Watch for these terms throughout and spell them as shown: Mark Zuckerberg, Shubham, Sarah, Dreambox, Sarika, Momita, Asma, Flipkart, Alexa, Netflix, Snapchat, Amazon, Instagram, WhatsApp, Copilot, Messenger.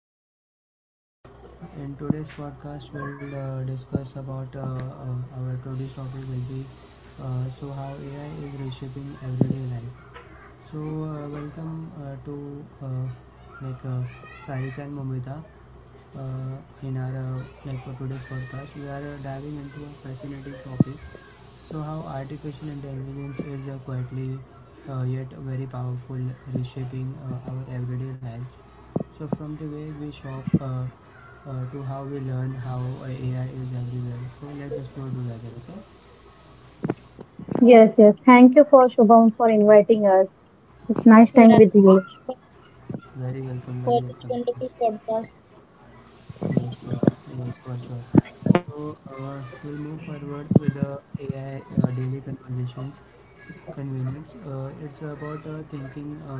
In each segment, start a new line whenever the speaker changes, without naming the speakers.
everyone. In today's podcast, we'll discuss about our today's topic will be how AI is reshaping everyday life. So welcome to like Sarika and Momita in our today's podcast. We are diving into a fascinating topic, so how artificial intelligence is quietly, yet very powerful, reshaping our everyday lives. So, from the way we shop to how we learn, how AI is everywhere. So, let's just go together, okay?
Yes, yes. Thank you for Shubham for inviting us. It's nice time
Yeah,
with you.
but
Very welcome, very
for this
welcome.
wonderful podcast.
Yes, yes, for sure. So, we'll move forward with the AI daily conversations. Convenience. It's about thinking,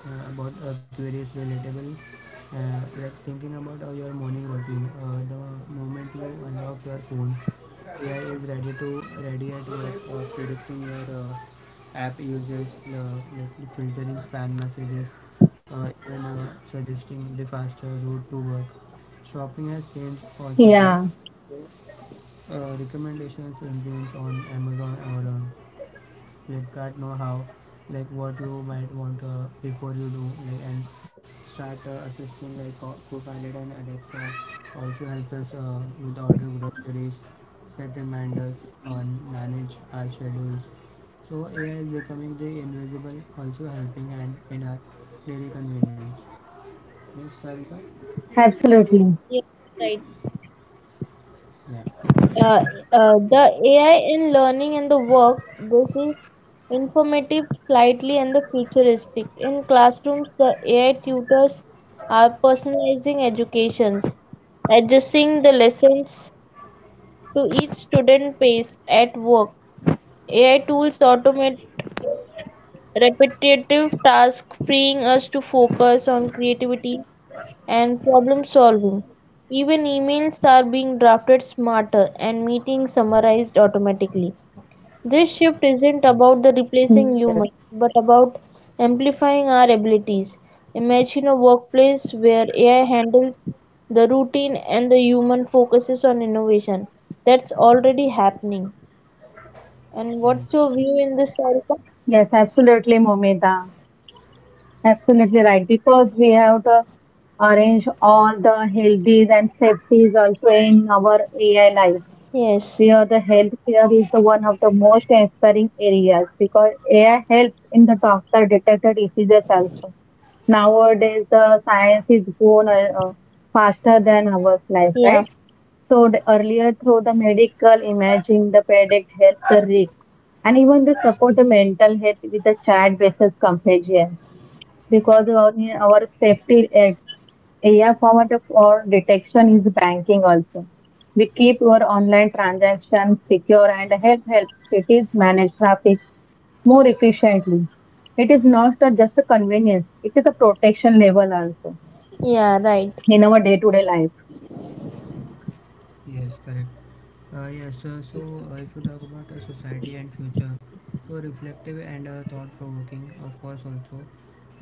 about queries relatable. Like thinking about your morning routine. The moment you unlock your phone, AI is ready to, ready at work, predicting your app usage, like filtering spam messages, even suggesting the faster route to work. Shopping has changed also too.
Yeah,
Recommendations engines on Amazon or Flipkart know-how, like what you might want before you do, like, and start assisting like Copilot and Alexa. Also helps us with order groceries, set reminders, and manage our schedules. So AI is becoming the invisible, also helping hand in our daily convenience. Yes, Sarika.
absolutely.
Yes, right.
Yeah.
Uh, the AI in learning and the work, this is informative slightly and the futuristic. In classrooms, the AI tutors are personalizing educations, adjusting the lessons to each student pace at work. AI tools automate repetitive tasks, freeing us to focus on creativity and problem solving. Even emails are being drafted smarter and meetings summarized automatically. This shift isn't
Yes.
about the replacing humans
Yes,
but about amplifying our abilities. Imagine a workplace where AI handles the routine and the human focuses on innovation. That's already happening. And what's
Yes.
your view in this, Sarika?
yes, absolutely, Momita. Absolutely right. Because we have to arrange all the healthies and safeties also in our AI life.
Yes.
You know the healthcare is the one of the most inspiring areas because AI helps in the detect the diseases also. Nowadays, the science is going faster than our life,
Yeah.
right? So the earlier through the medical imaging, the predict health, risks, and even the support the mental health with the chat-based companions because our safety aids AI format for detection is banking also. We keep our online transactions secure and helps cities manage more efficiently. It is not just a convenience; it is a protection level also
Yeah, right.
in our day-to-day life.
Yes, correct. If you talk about society and future, so reflective and thought-provoking, of course, also.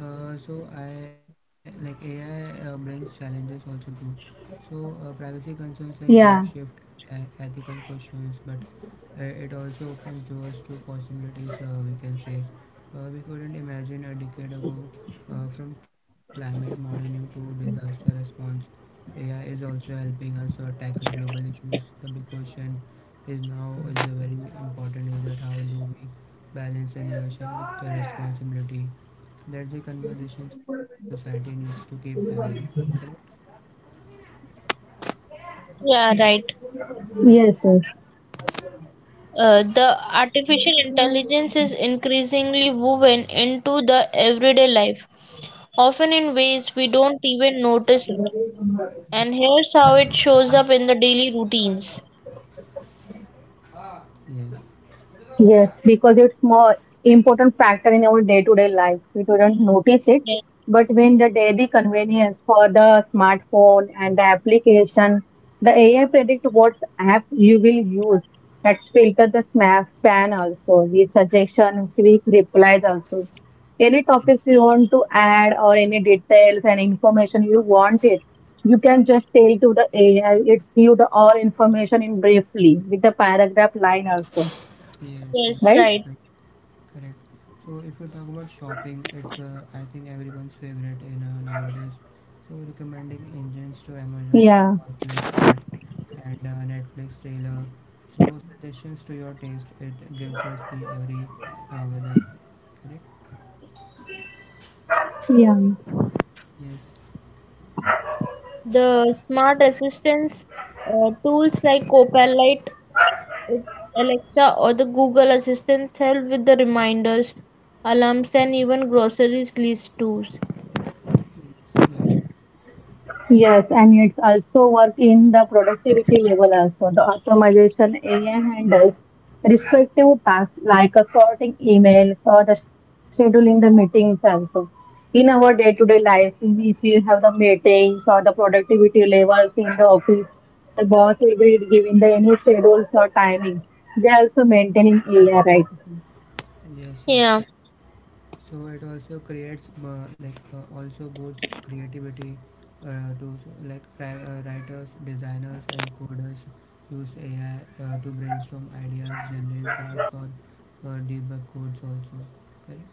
I like AI brings challenges also too. So privacy concerns like job
Yeah.
shift, ethical questions, but it also opens doors to possibilities. We can say we couldn't imagine a decade ago, from climate modeling to disaster response, AI is also helping us tackle global issues. The big question is now is, a very important is, that how do we balance innovation with the responsibility? That's the conversation society needs to keep having. Correct?
Yeah, right.
Yes. Yes.
The artificial intelligence is increasingly woven into the everyday life, often in ways we don't even notice it. And here's how it shows up in the daily routines.
Yes.
Yes, because it's more important factor in our day-to-day life. We don't notice it,
Yes,
but when the daily convenience for the smartphone and the application, the AI predict what app you will use. That filter the span also, the suggestion, quick replies also. Any
Yes.
topics you want to add or any details and information you want it, you can just tell to the AI. It's give the all information in briefly with the paragraph line also,
Yes.
yes,
Yes.
right?
right.
Correct. So if you talk about shopping, it's, I think everyone's favorite in nowadays. So recommending engines to Amazon
Yeah,
or Flipkart and Netflix trailer. So suggestions to your taste. It gives us the every now and then. Correct.
yeah.
Yes.
The smart assistants, tools like Copilot, Alexa, or the Google Assistants help with the reminders, alarms, and even groceries list tools.
Yes.
Yes, and it's also work in the productivity level also. The automation AI handles respective tasks like sorting emails or the scheduling the meetings also. In our day-to-day
Yeah. Yes.
life, if you have the meetings or the productivity levels in the office, the boss will be giving the any schedules or timing. They also maintaining AI, right?
Yes.
Yeah,
Yes. So it also creates also boosts creativity, those like writers, designers, and coders use AI to brainstorm ideas, generate drafts, or debug codes also. Correct.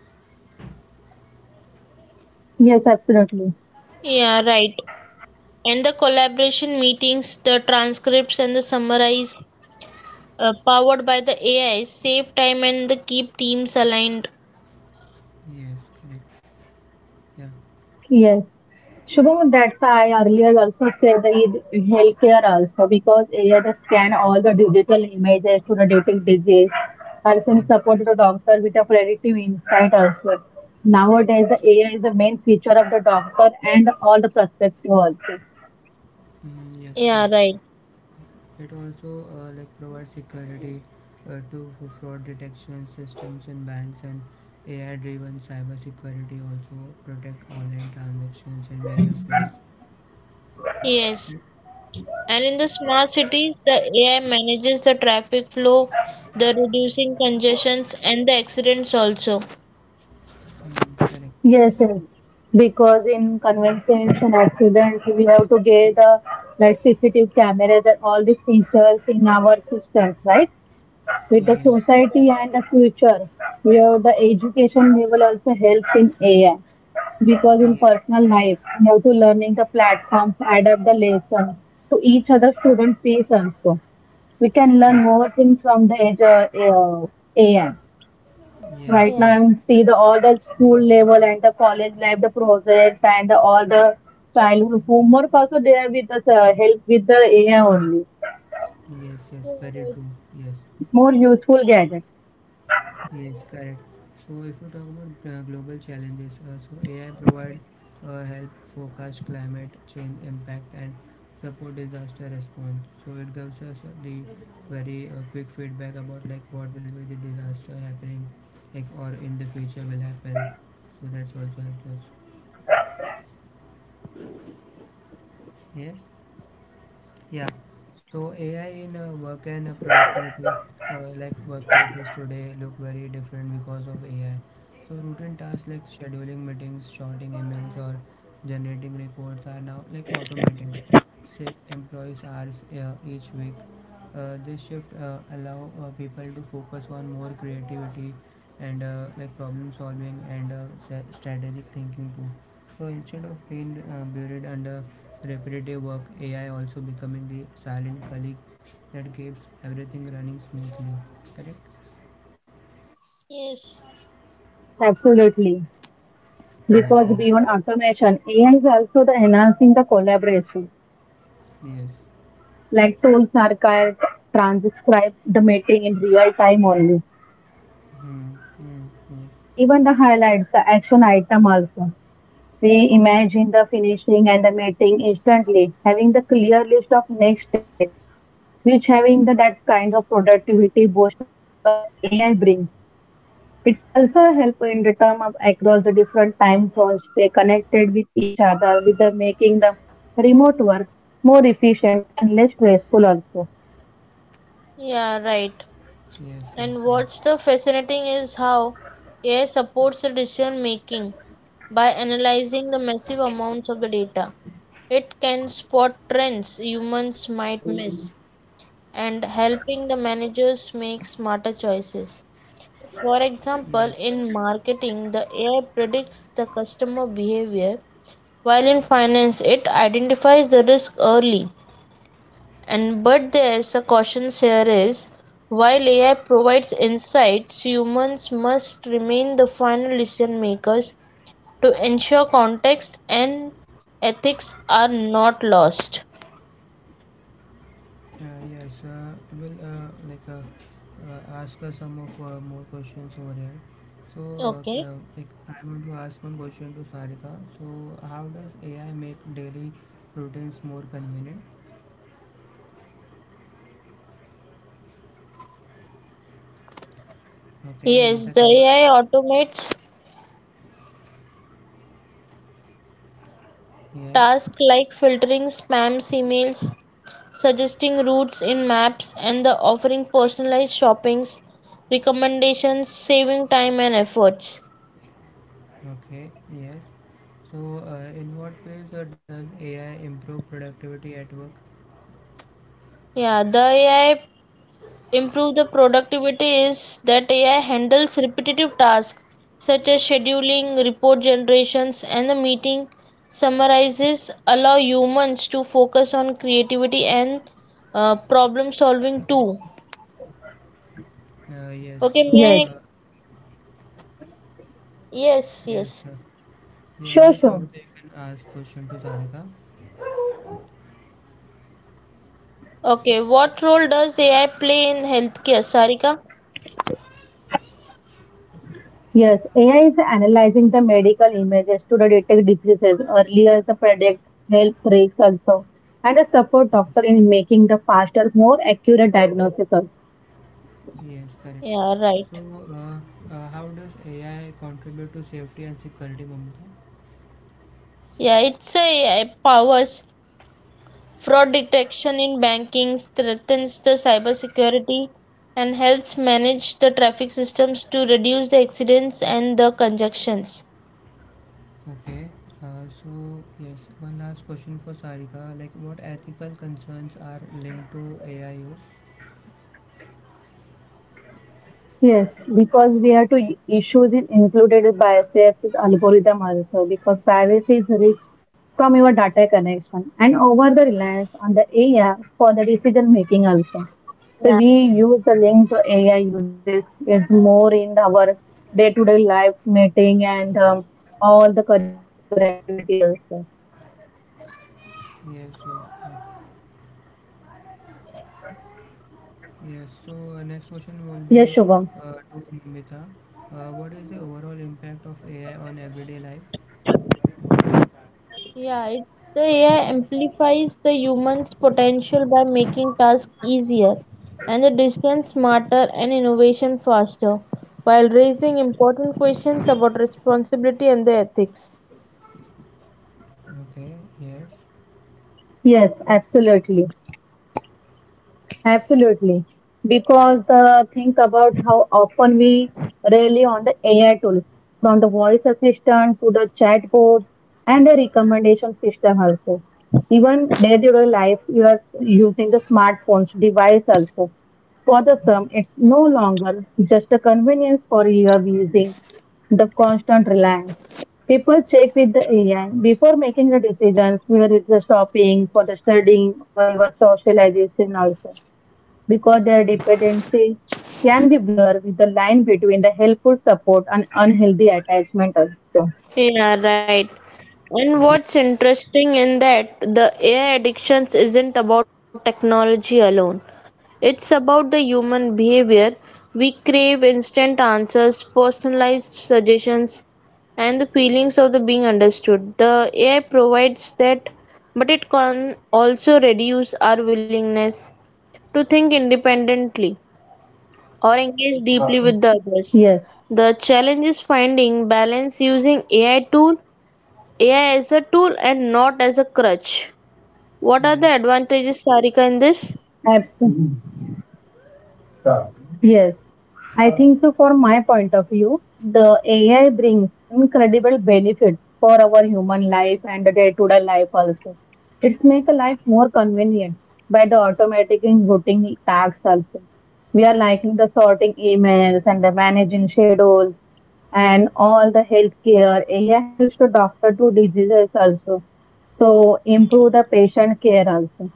Yes, absolutely.
yeah, right. And the collaboration meetings, the transcripts, and the summarize powered by the AI save time and the keep teams aligned.
Yes, correct. Yeah.
Yes. Shubham, that's why I earlier also said that in healthcare also because AI does scan all the digital images to the detect disease, also in
Yes,
support to
correct.
the doctor with predictive insight also. Nowadays, the AI is the main feature of the doctor and all the perspective also.
Mm, yes, correct.
Yeah, right.
It also like provides security to fraud detection systems in banks, and AI-driven cybersecurity also protect online transactions in various ways.
Yes,
Mm.
and in the smart cities, the AI manages the traffic flow, the reducing congestions and the accidents also.
Mm, correct.
Yes, yes. Because in conveyance and accident, we have to get the like CCTV cameras and all these features in our systems, right? With the
Yes.
society and the future where the education level also helps in AI because in
Yes.
personal life you have to learning the platforms adapt the lesson to each other student pace also. We can learn
Hmm.
Yes.
more things from the age AI.
Yes.
Right now
Yeah.
Yes.
I see the all the school level and the college life, the project and the, all the childhood homework also there with the help with the AI only.
Yes. Yes.
Yeah,
Very true.
right.
Yes.
More useful gadgets.
Yes, correct. So if you talk about global challenges, so AI provide help forecast climate change impact and support disaster response. So it gives us the very quick feedback about like what will be the disaster happening, like, or in the future will happen. So that's also helps us.
Yes,
Yes.
absolutely.
Yeah, so AI in work and productivity, like workplaces today look very different because of AI. So routine tasks like scheduling meetings, sorting emails, or generating reports are now like automated. Save employees hours each week. This shift allow people to focus on more creativity and problem solving and strategic thinking too. So instead of being buried under repetitive work, AI also becoming the silent colleague that keeps everything running smoothly. Correct?
Yes,
Yes, absolutely.
Yes, yes,
Because beyond automation, AI is also the enhancing the collaboration. Like
yes.
tools are can transcribe the meeting in real time only. We
Hmm.
summarize the discussion
Hmm.
and even the highlights, the action item also. We imagine the finishing and the meeting instantly, having the clear list of next step, which having the that kind of productivity boost AI brings. It's also helpful in the term of across the different time zones, they connected with each other, with the making the remote work more efficient and less stressful also.
yeah, right.
Yes, yes, yes,
And what's the fascinating is how AI supports the decision making by analyzing the massive amounts of the data. It can spot trends humans might miss and helping the managers make smarter choices. For
yeah,
example,
yes.
in marketing, the AI predicts the customer behavior, while in finance, it identifies the risk early and but there's a caution here is while AI provides insights, humans must remain the final decision makers to ensure context and ethics are not lost.
Yes. Will like Ask some of more questions over here. So,
Okay.
like, I want to ask one question to Sarika. So, how does AI make daily routines more convenient? Okay,
Yes,
Mamita,
the
can you?
AI automates
Yes.
tasks like filtering spam emails, suggesting routes in maps, and the offering personalized shoppings, recommendations, saving time and efforts.
Okay, yes. So, in what ways does AI improve productivity at work?
Yeah, the AI improve the productivity is that AI handles repetitive tasks such as scheduling, report generations, and the
Yes,
meeting summarizes, allow humans to focus on creativity and problem solving too.
Yes.
Okay,
So,
may I-
uh,
yes,
yes,
yes.
yes.
sure,
Yeah. Yes,
sure.
Mamita, you can ask question to Sarika.
Okay, what role does AI play in healthcare, Sarika?
Yes, AI is analyzing the medical images to detect diseases earlier, the predict health risks also, and a support doctor in making the faster, more accurate diagnosis also.
Yes, correct.
Yeah,
So,
right.
how does AI contribute to safety and security, Mamita?
Yeah, it's a AI powers Fraud detection in banking strengthens the cybersecurity and helps manage the traffic systems to reduce the accidents and the congestions.
Okay. So, yes. One last question for Sarika. Like, what ethical concerns are linked to AI use?
Yes, because we have to issues in included by SAF's algorithm also because privacy is risk from your data connection and over the reliance on the AI for the decision making also.
Yeah.
So we use the link to AI uses. It's more in our day-to-day life meeting and all the curricular activity also.
Yes. Yes. Yes. Yes, so next question will be
Yes, Shubham.
to Nimita. What is the overall impact of AI on everyday life?
Yeah, it's the AI amplifies the human's potential by making tasks easier and the decision smarter and innovation faster, while raising important questions about responsibility and the ethics.
Okay, yes.
Yes, absolutely. Absolutely. Because think about how often we rely on the AI tools, from the voice assistant to the chatbots and the recommendation system also. Even day-to-day life, you are using the smartphones device also. For the sum, it's no longer just a convenience for your using the constant reliance. People check with the AI before making the decisions, whether it's the shopping, for the studying, or your socialization also, because their dependency can be blurred with the line between the helpful support and unhealthy attachment also.
Yeah, right. And
Yes,
what's interesting in that the AI addictions isn't about technology alone. It's about the human behavior. We crave instant answers, personalized suggestions, and the feelings of the being understood. The AI provides that, but it can also reduce our willingness to think independently or engage deeply with the others.
Yes,
The challenge is finding balance using AI as a tool and not as a crutch. What are
yes,
the advantages, Sarika, in this?
absolutely. Yes, I think so. From my point of view, the AI brings incredible benefits for our human life and the day-to-day life also. It's make a life more convenient by the automatic and routine tasks also. We are liking the sorting emails and the managing schedules and all the healthcare. AI helps the doctor to diseases also. So improve the patient care also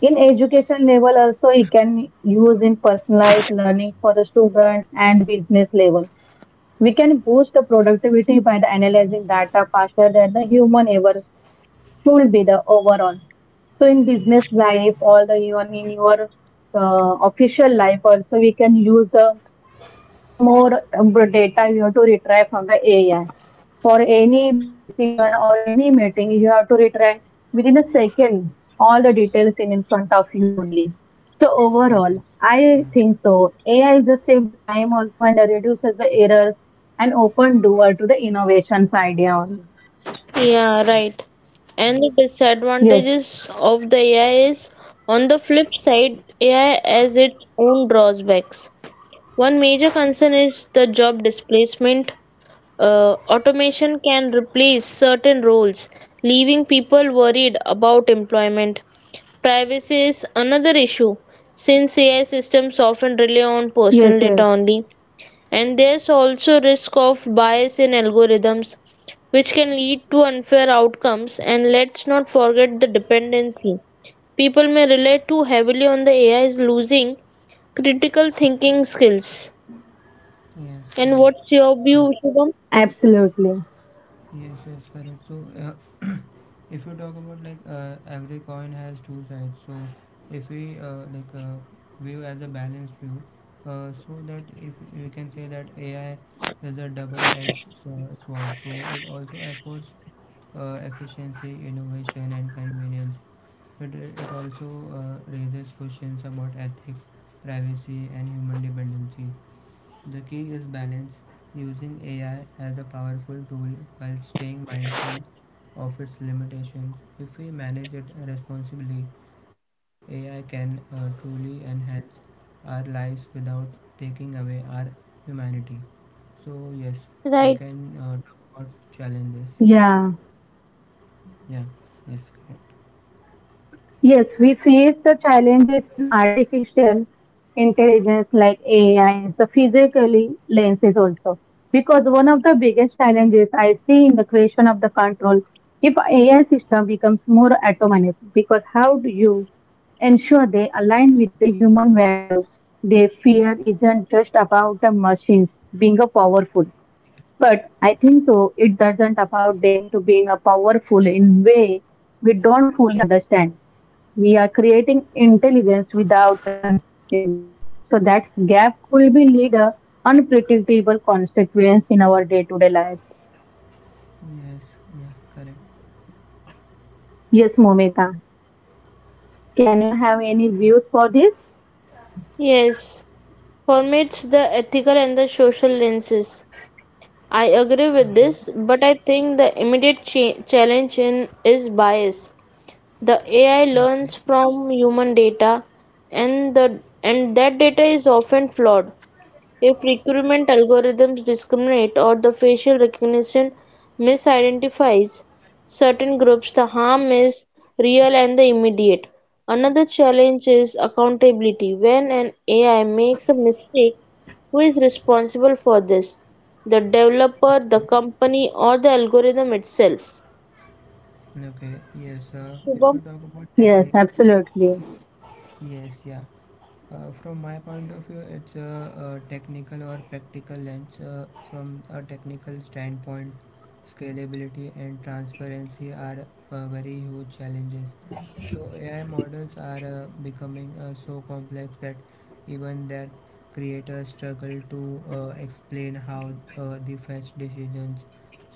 in education level also. It can use in personalized learning for the student and the business level. We can boost the productivity by the analyzing data faster than the human ever. Should be the overall, so in business life all the even in your official life also we can use the more data you have to retrieve from the AI. For any decision or any meeting, you have to retrieve within a second all the details in front of you only. So
yes,
overall, I
yeah,
think so. AI just save the time also and reduces the errors and open door to the innovations idea only.
Yeah, right. And the
yes,
Yes,
disadvantages of the AI is on the flip side, AI has its own drawbacks. One major concern is the job displacement. Automation can replace certain roles, leaving people worried about employment. Privacy is another issue since AI systems often rely on personal data only.
yes, yes,
And there's also risk of bias in algorithms which can lead to unfair outcomes and let's not forget the dependency people may rely too heavily on the ai is losing critical thinking skills
yes, yeah.
and what's your
uh,
view, Shubham?
absolutely.
yes, yes, correct. So if you talk about, like, every coin has two sides, so if we view as a balanced view, so that if we can say that AI is a double-edged sword, so it also affords efficiency, innovation, and convenience, but it also raises questions about ethics, privacy, and human dependency. The key is balance, using AI as a powerful tool while staying mindful of its limitations. If we manage it responsibly, AI can truly enhance our lives without taking away our humanity. So, yes,
Right,
we can talk about challenges.
Yeah.
Yeah, yes, correct.
Yes, we face the challenges in artificial intelligence like AI and the physically lenses also. Because one of the biggest challenges I see in the question of the control, if AI system becomes more autonomous, because how do you ensure they align with the human values? Their fear isn't just about the machines being a powerful, but I think so it doesn't about them to being a powerful in way we don't fully understand. We are creating intelligence without a conscience. So that gap could be lead a unpredictable consequence in our day-to-day life.
Yes, yeah, correct.
Yes, Momita. Can you have any views for this?
yes. For the ethical and the social lenses. I agree with
Okay,
this, but I think the immediate cha- challenge in is bias. The AI
okay,
learns from human data, and the and that data is often flawed. If recruitment algorithms discriminate or the facial recognition misidentifies certain groups, the harm is real and the immediate. Another challenge is accountability. When an AI makes a mistake, who is responsible for this? The developer, the company, or the algorithm itself?
okay, okay. Yes, if you
Shubham?
talk about
Yes,
technique,
absolutely.
yes, yeah. From my point of view, it's a technical or practical lens. From a technical standpoint, scalability and transparency are very huge challenges. So AI models are becoming so complex that even their creators struggle to explain how they fetch decisions.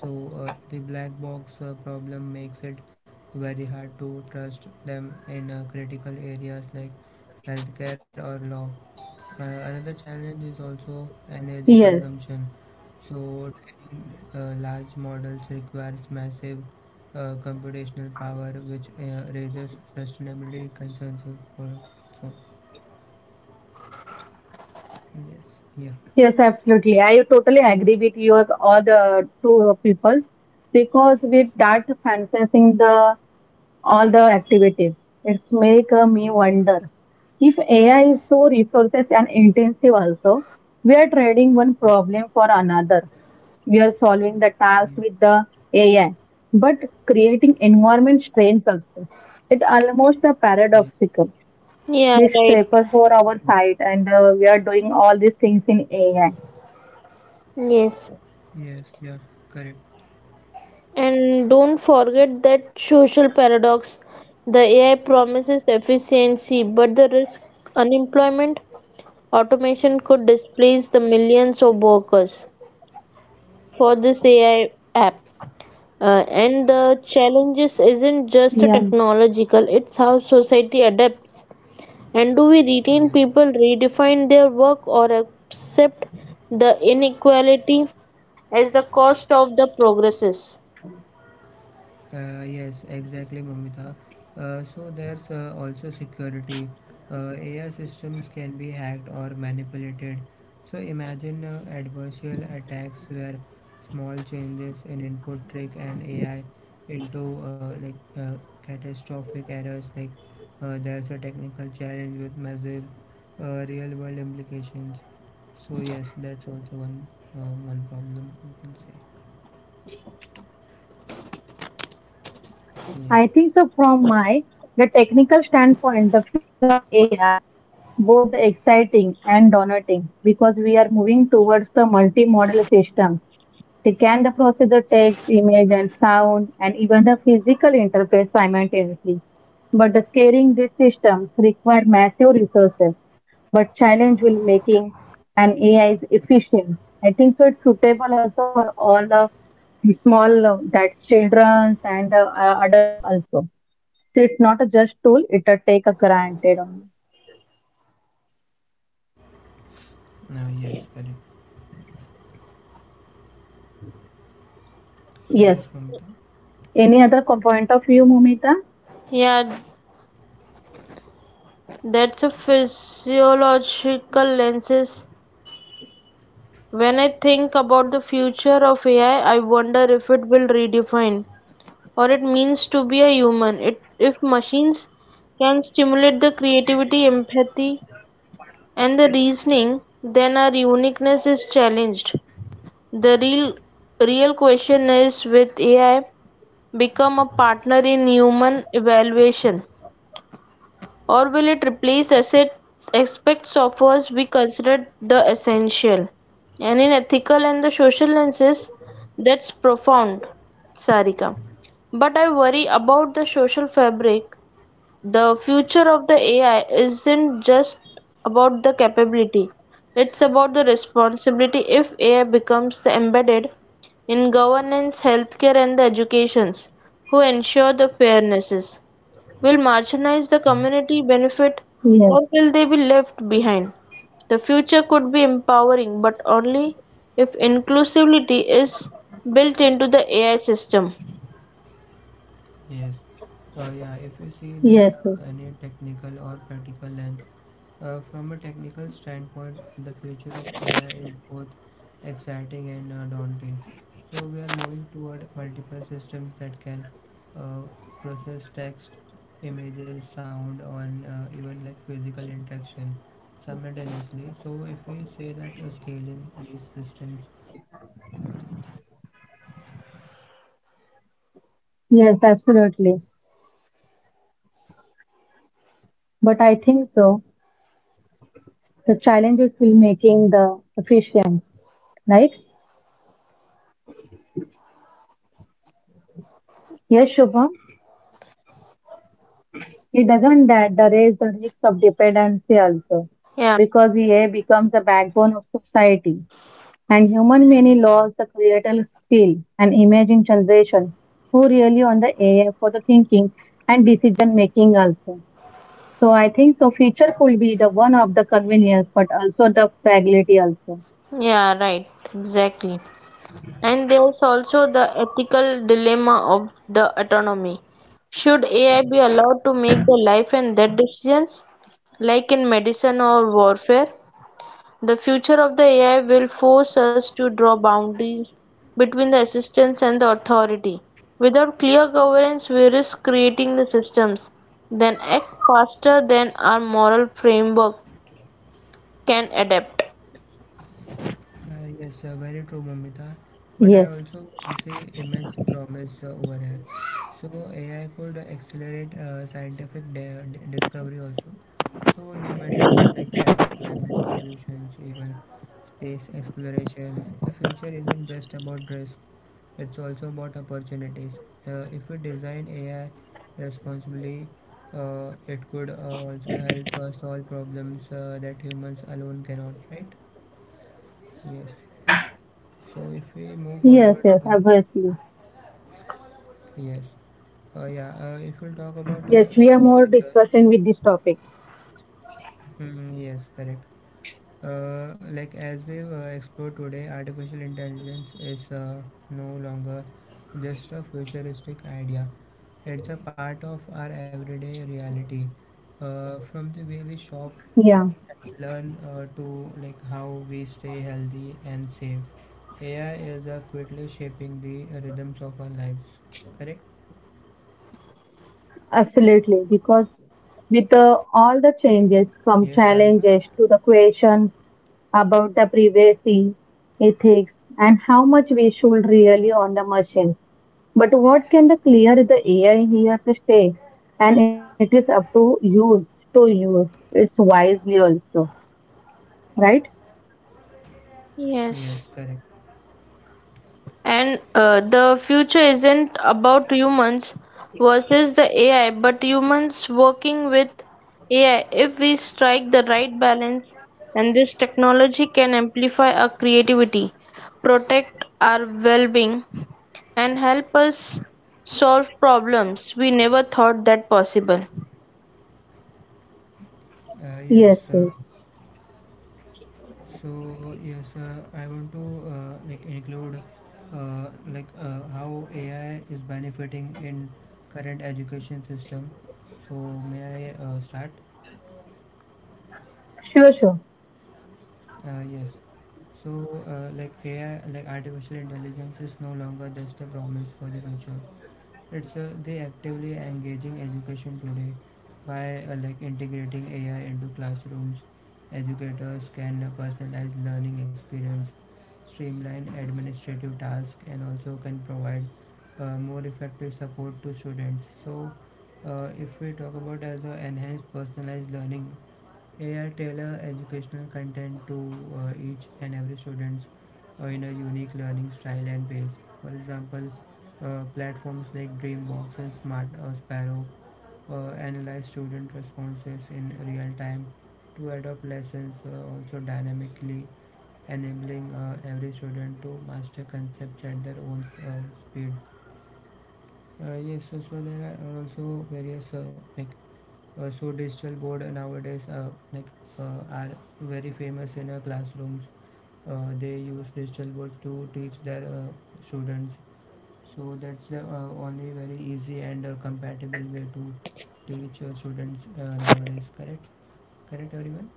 So the black box problem makes it very hard to trust them in critical areas like healthcare or law. Another challenge is also energy
Yes,
consumption. So, training large models requires massive computational power, which raises sustainability concerns. al- al- So, yes, yeah,
yes, absolutely. I totally agree with your all the two peoples because with that fancying the all the activities. It's make me wonder if AI is so resources intensive also, we are trading one problem for another. We are solving the task
yeah,
with the AI, but creating environment strains also. It almost a
yes,
paradoxical.
Yeah,
We
right.
suffer for our side and we are doing all these things in AI.
Yes.
yes, yeah, correct,
And don't forget that social paradox. The AI promises efficiency, but the risk unemployment, automation could displace the millions of workers for this AI app. And the challenges isn't
Yeah.
just a technological, it's how society adapts. And do we retain
yes.
people, redefine their work, or accept the inequality as the cost of the progresses?
Yes, exactly, Mamita. So there's also security. AI systems can be hacked or manipulated. So imagine adversarial attacks where small changes in input trick an AI into catastrophic errors. Like, there's a technical challenge with massive real-world implications. So yes, that's also one problem, you can say. Yes.
I think so from my the technical standpoint, the future of AI both exciting and daunting because we are moving towards the multimodal systems. They can the process the text, image, and sound, and even the physical interface simultaneously. But the scaling these systems require massive resources. But challenge will making an AI is efficient. I think so. It's suitable also for all the small that childrens and adults also. So it's not just tool; it a take a granted only.
Yes, correct. So yes, Mamita.
Yes. Any other point of view, Mumita?
Yeah, that's a physiological lenses. When I think about the future of AI, I wonder if it will redefine what it means to be a human. It, if machines can stimulate the creativity, empathy, and the reasoning, then our uniqueness is challenged. The real question is with AI become a partner in human evaluation? Or will it replace assets, aspects of us we consider the essential? And in ethical and the social lenses, that's profound, Sarika. But I worry about the social fabric. The future of the AI isn't just about the capability, it's about the responsibility if AI becomes embedded in governance, healthcare, and the educations who ensure the fairnesses. Will marginalize the
Yes.
community benefit
Yes.
or will they be left behind? The future could be empowering, but only if inclusivity is built into the AI system.
Yes. Yeah. If you see
Yes.
that,
Yes.
any technical or practical lens, from a technical standpoint, the future of AI is both exciting and daunting. So, we are moving toward multiple systems that can uh, process text, images, sound, and even like physical interaction simultaneously. So, if we say that scaling these systems requires massive resources, the challenge will be making AI
Yes.
efficient,
Absolutely.
sustainable, and accessible also. So not just to
But I think
uh,
so.
just a tool, but
The
also a
challenges will
tech giant.
making the
Correct?
efficiency, right?
Yes.
Yes, Shubham.
So yes, Sarika,
It doesn't that the raise the risk of dependency also,
Yeah,
because EA becomes the backbone of society. And
am I
human
audible?
many lost the creative skill and imagine generation who really on the AI for the thinking and decision making also. So I think so future could be the one of the convenience but also the fragility also.
yeah, right, exactly. And there's also the ethical dilemma of the autonomy. Should AI be allowed to make the life and death decisions, like in medicine or warfare? The future of the AI will force us to draw boundaries between the assistance and the authority. Without clear governance, we risk creating the systems then act faster than our moral framework can adapt.
Yes, very true, Mamita. But I also
Yes.
see immense promise over here. So AI could accelerate scientific discovery also. So new medicines like climate solutions, even space exploration. The future isn't just about drugs, it's also about opportunities. If we design AI responsibly, it could also help solve problems that humans alone cannot, right? Yes. So if we move
Yes,
forward,
yes, obviously.
yes. Yeah, if we talk about uh,
Yes, we
like,
are
uh,
more discussing with this topic.
yes, correct. Like, as we explore today, artificial intelligence is no longer just a futuristic idea. It's a part of our everyday reality. From the way we shop
Yeah.
and learn to like how we stay healthy and safe. AI is quickly shaping the rhythms of our lives. Correct?
Absolutely, because with all the
Yes, Sarika.
changes come challenges to the questions about the privacy, ethics, and how much we should really on the machine. But what can the clear the AI here to stay? And it is up to use to use. It's wisely also, right?
Yes.
Yes, correct.
And the future isn't about humans versus the AI, but humans working with AI. If we strike the right balance, and this technology can amplify our creativity, protect our well being, and help us solve problems we never thought that possible.
Uh, yes. Uh, So yes, I want to include how AI is benefiting in current education system. So may I start? Yes. So like AI, like artificial intelligence, is no longer just a promise for the future. It's they actively engaging education today. By like integrating AI into classrooms, educators can personalize learning experience, streamline administrative tasks, and also can provide more effective support to students. So if we talk about as a enhanced personalized learning, AI tailor educational content to each and every students in a unique learning style and pace. For example, platforms like Dreambox and Smart Sparrow analyze student responses in real time to adopt lessons also dynamically, enabling every student to master concepts at their own speed. Yes, so, so there are also various mech- so digital board nowadays uh, are very famous in classrooms. They use digital boards to teach their students. So that's the only very easy and compatible way to teach your students nowadays. Correct? Correct, everyone?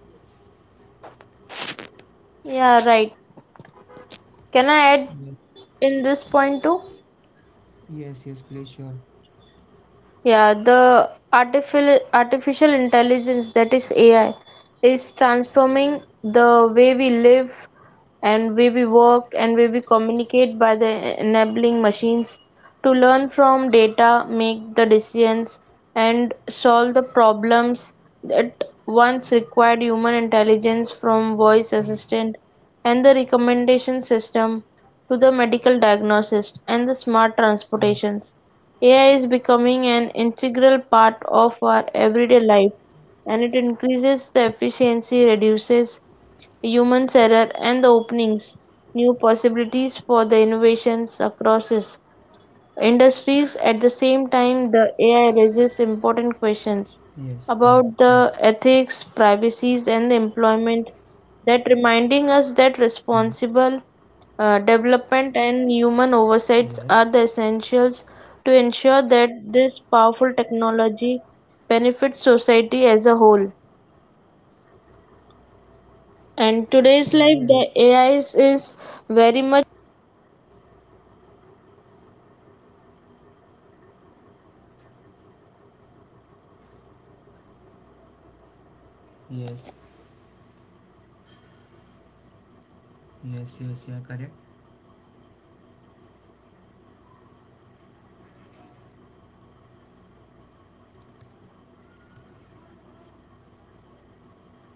Yeah, right. Can I add
Yes.
in this point too?
Yes. Yes. Please. Sure.
Yeah, the artificial intelligence that is AI is transforming the way we live and way we work and way we communicate by the enabling machines to learn from data, make the decisions and solve the problems that once required human intelligence from voice
Yes.
assistant and the recommendation system to the medical diagnosis and the smart
Yes.
transportations. AI is becoming an integral part of our everyday life and it increases the efficiency, reduces human error, and the openings new possibilities for the innovations across us industries. At the same time, the AI raises important
Yes.
questions
Yeah. Correct.
about the ethics, privacies, and the employment
Mm.
that reminding us that responsible
Yes.
development and human oversights are the essentials to ensure that this powerful technology benefits society as a whole. And today's
Yes.
life, the AI is very much
Yes. Yes. Yes. Yeah. Correct.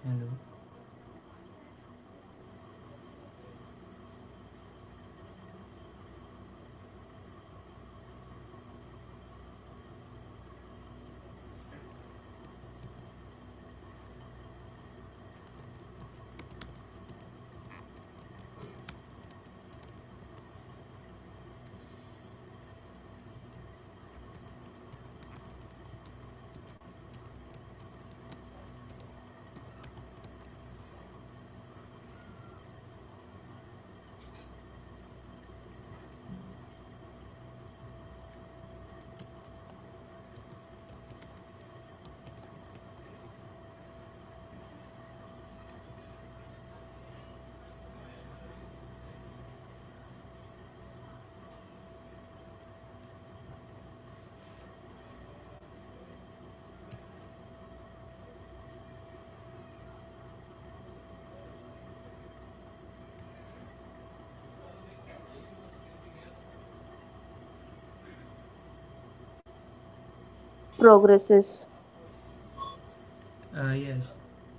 Hello.
progresses.
Yes.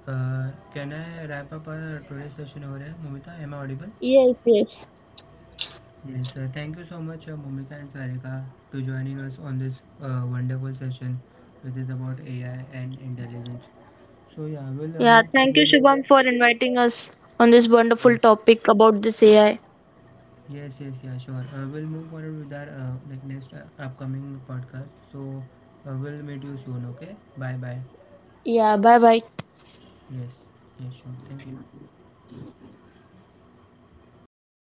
Can I wrap up our today's session over here, Momita? Am I audible?
Yes, yes.
Yes. Thank you so much, Momita and Sarika, to joining us on this wonderful session, which is about AI and intelligence. So yeah, we'll
Yeah,
move forward
thank you,
with our,
Shubham, for inviting us on this
yes,
wonderful topic about this AI.
yes, yes, yeah, sure. We'll move forward with our like next upcoming podcast. So we'll meet you soon. Okay. Bye bye.
Yeah, bye bye.
Yes. Yes. Sure. Thank you.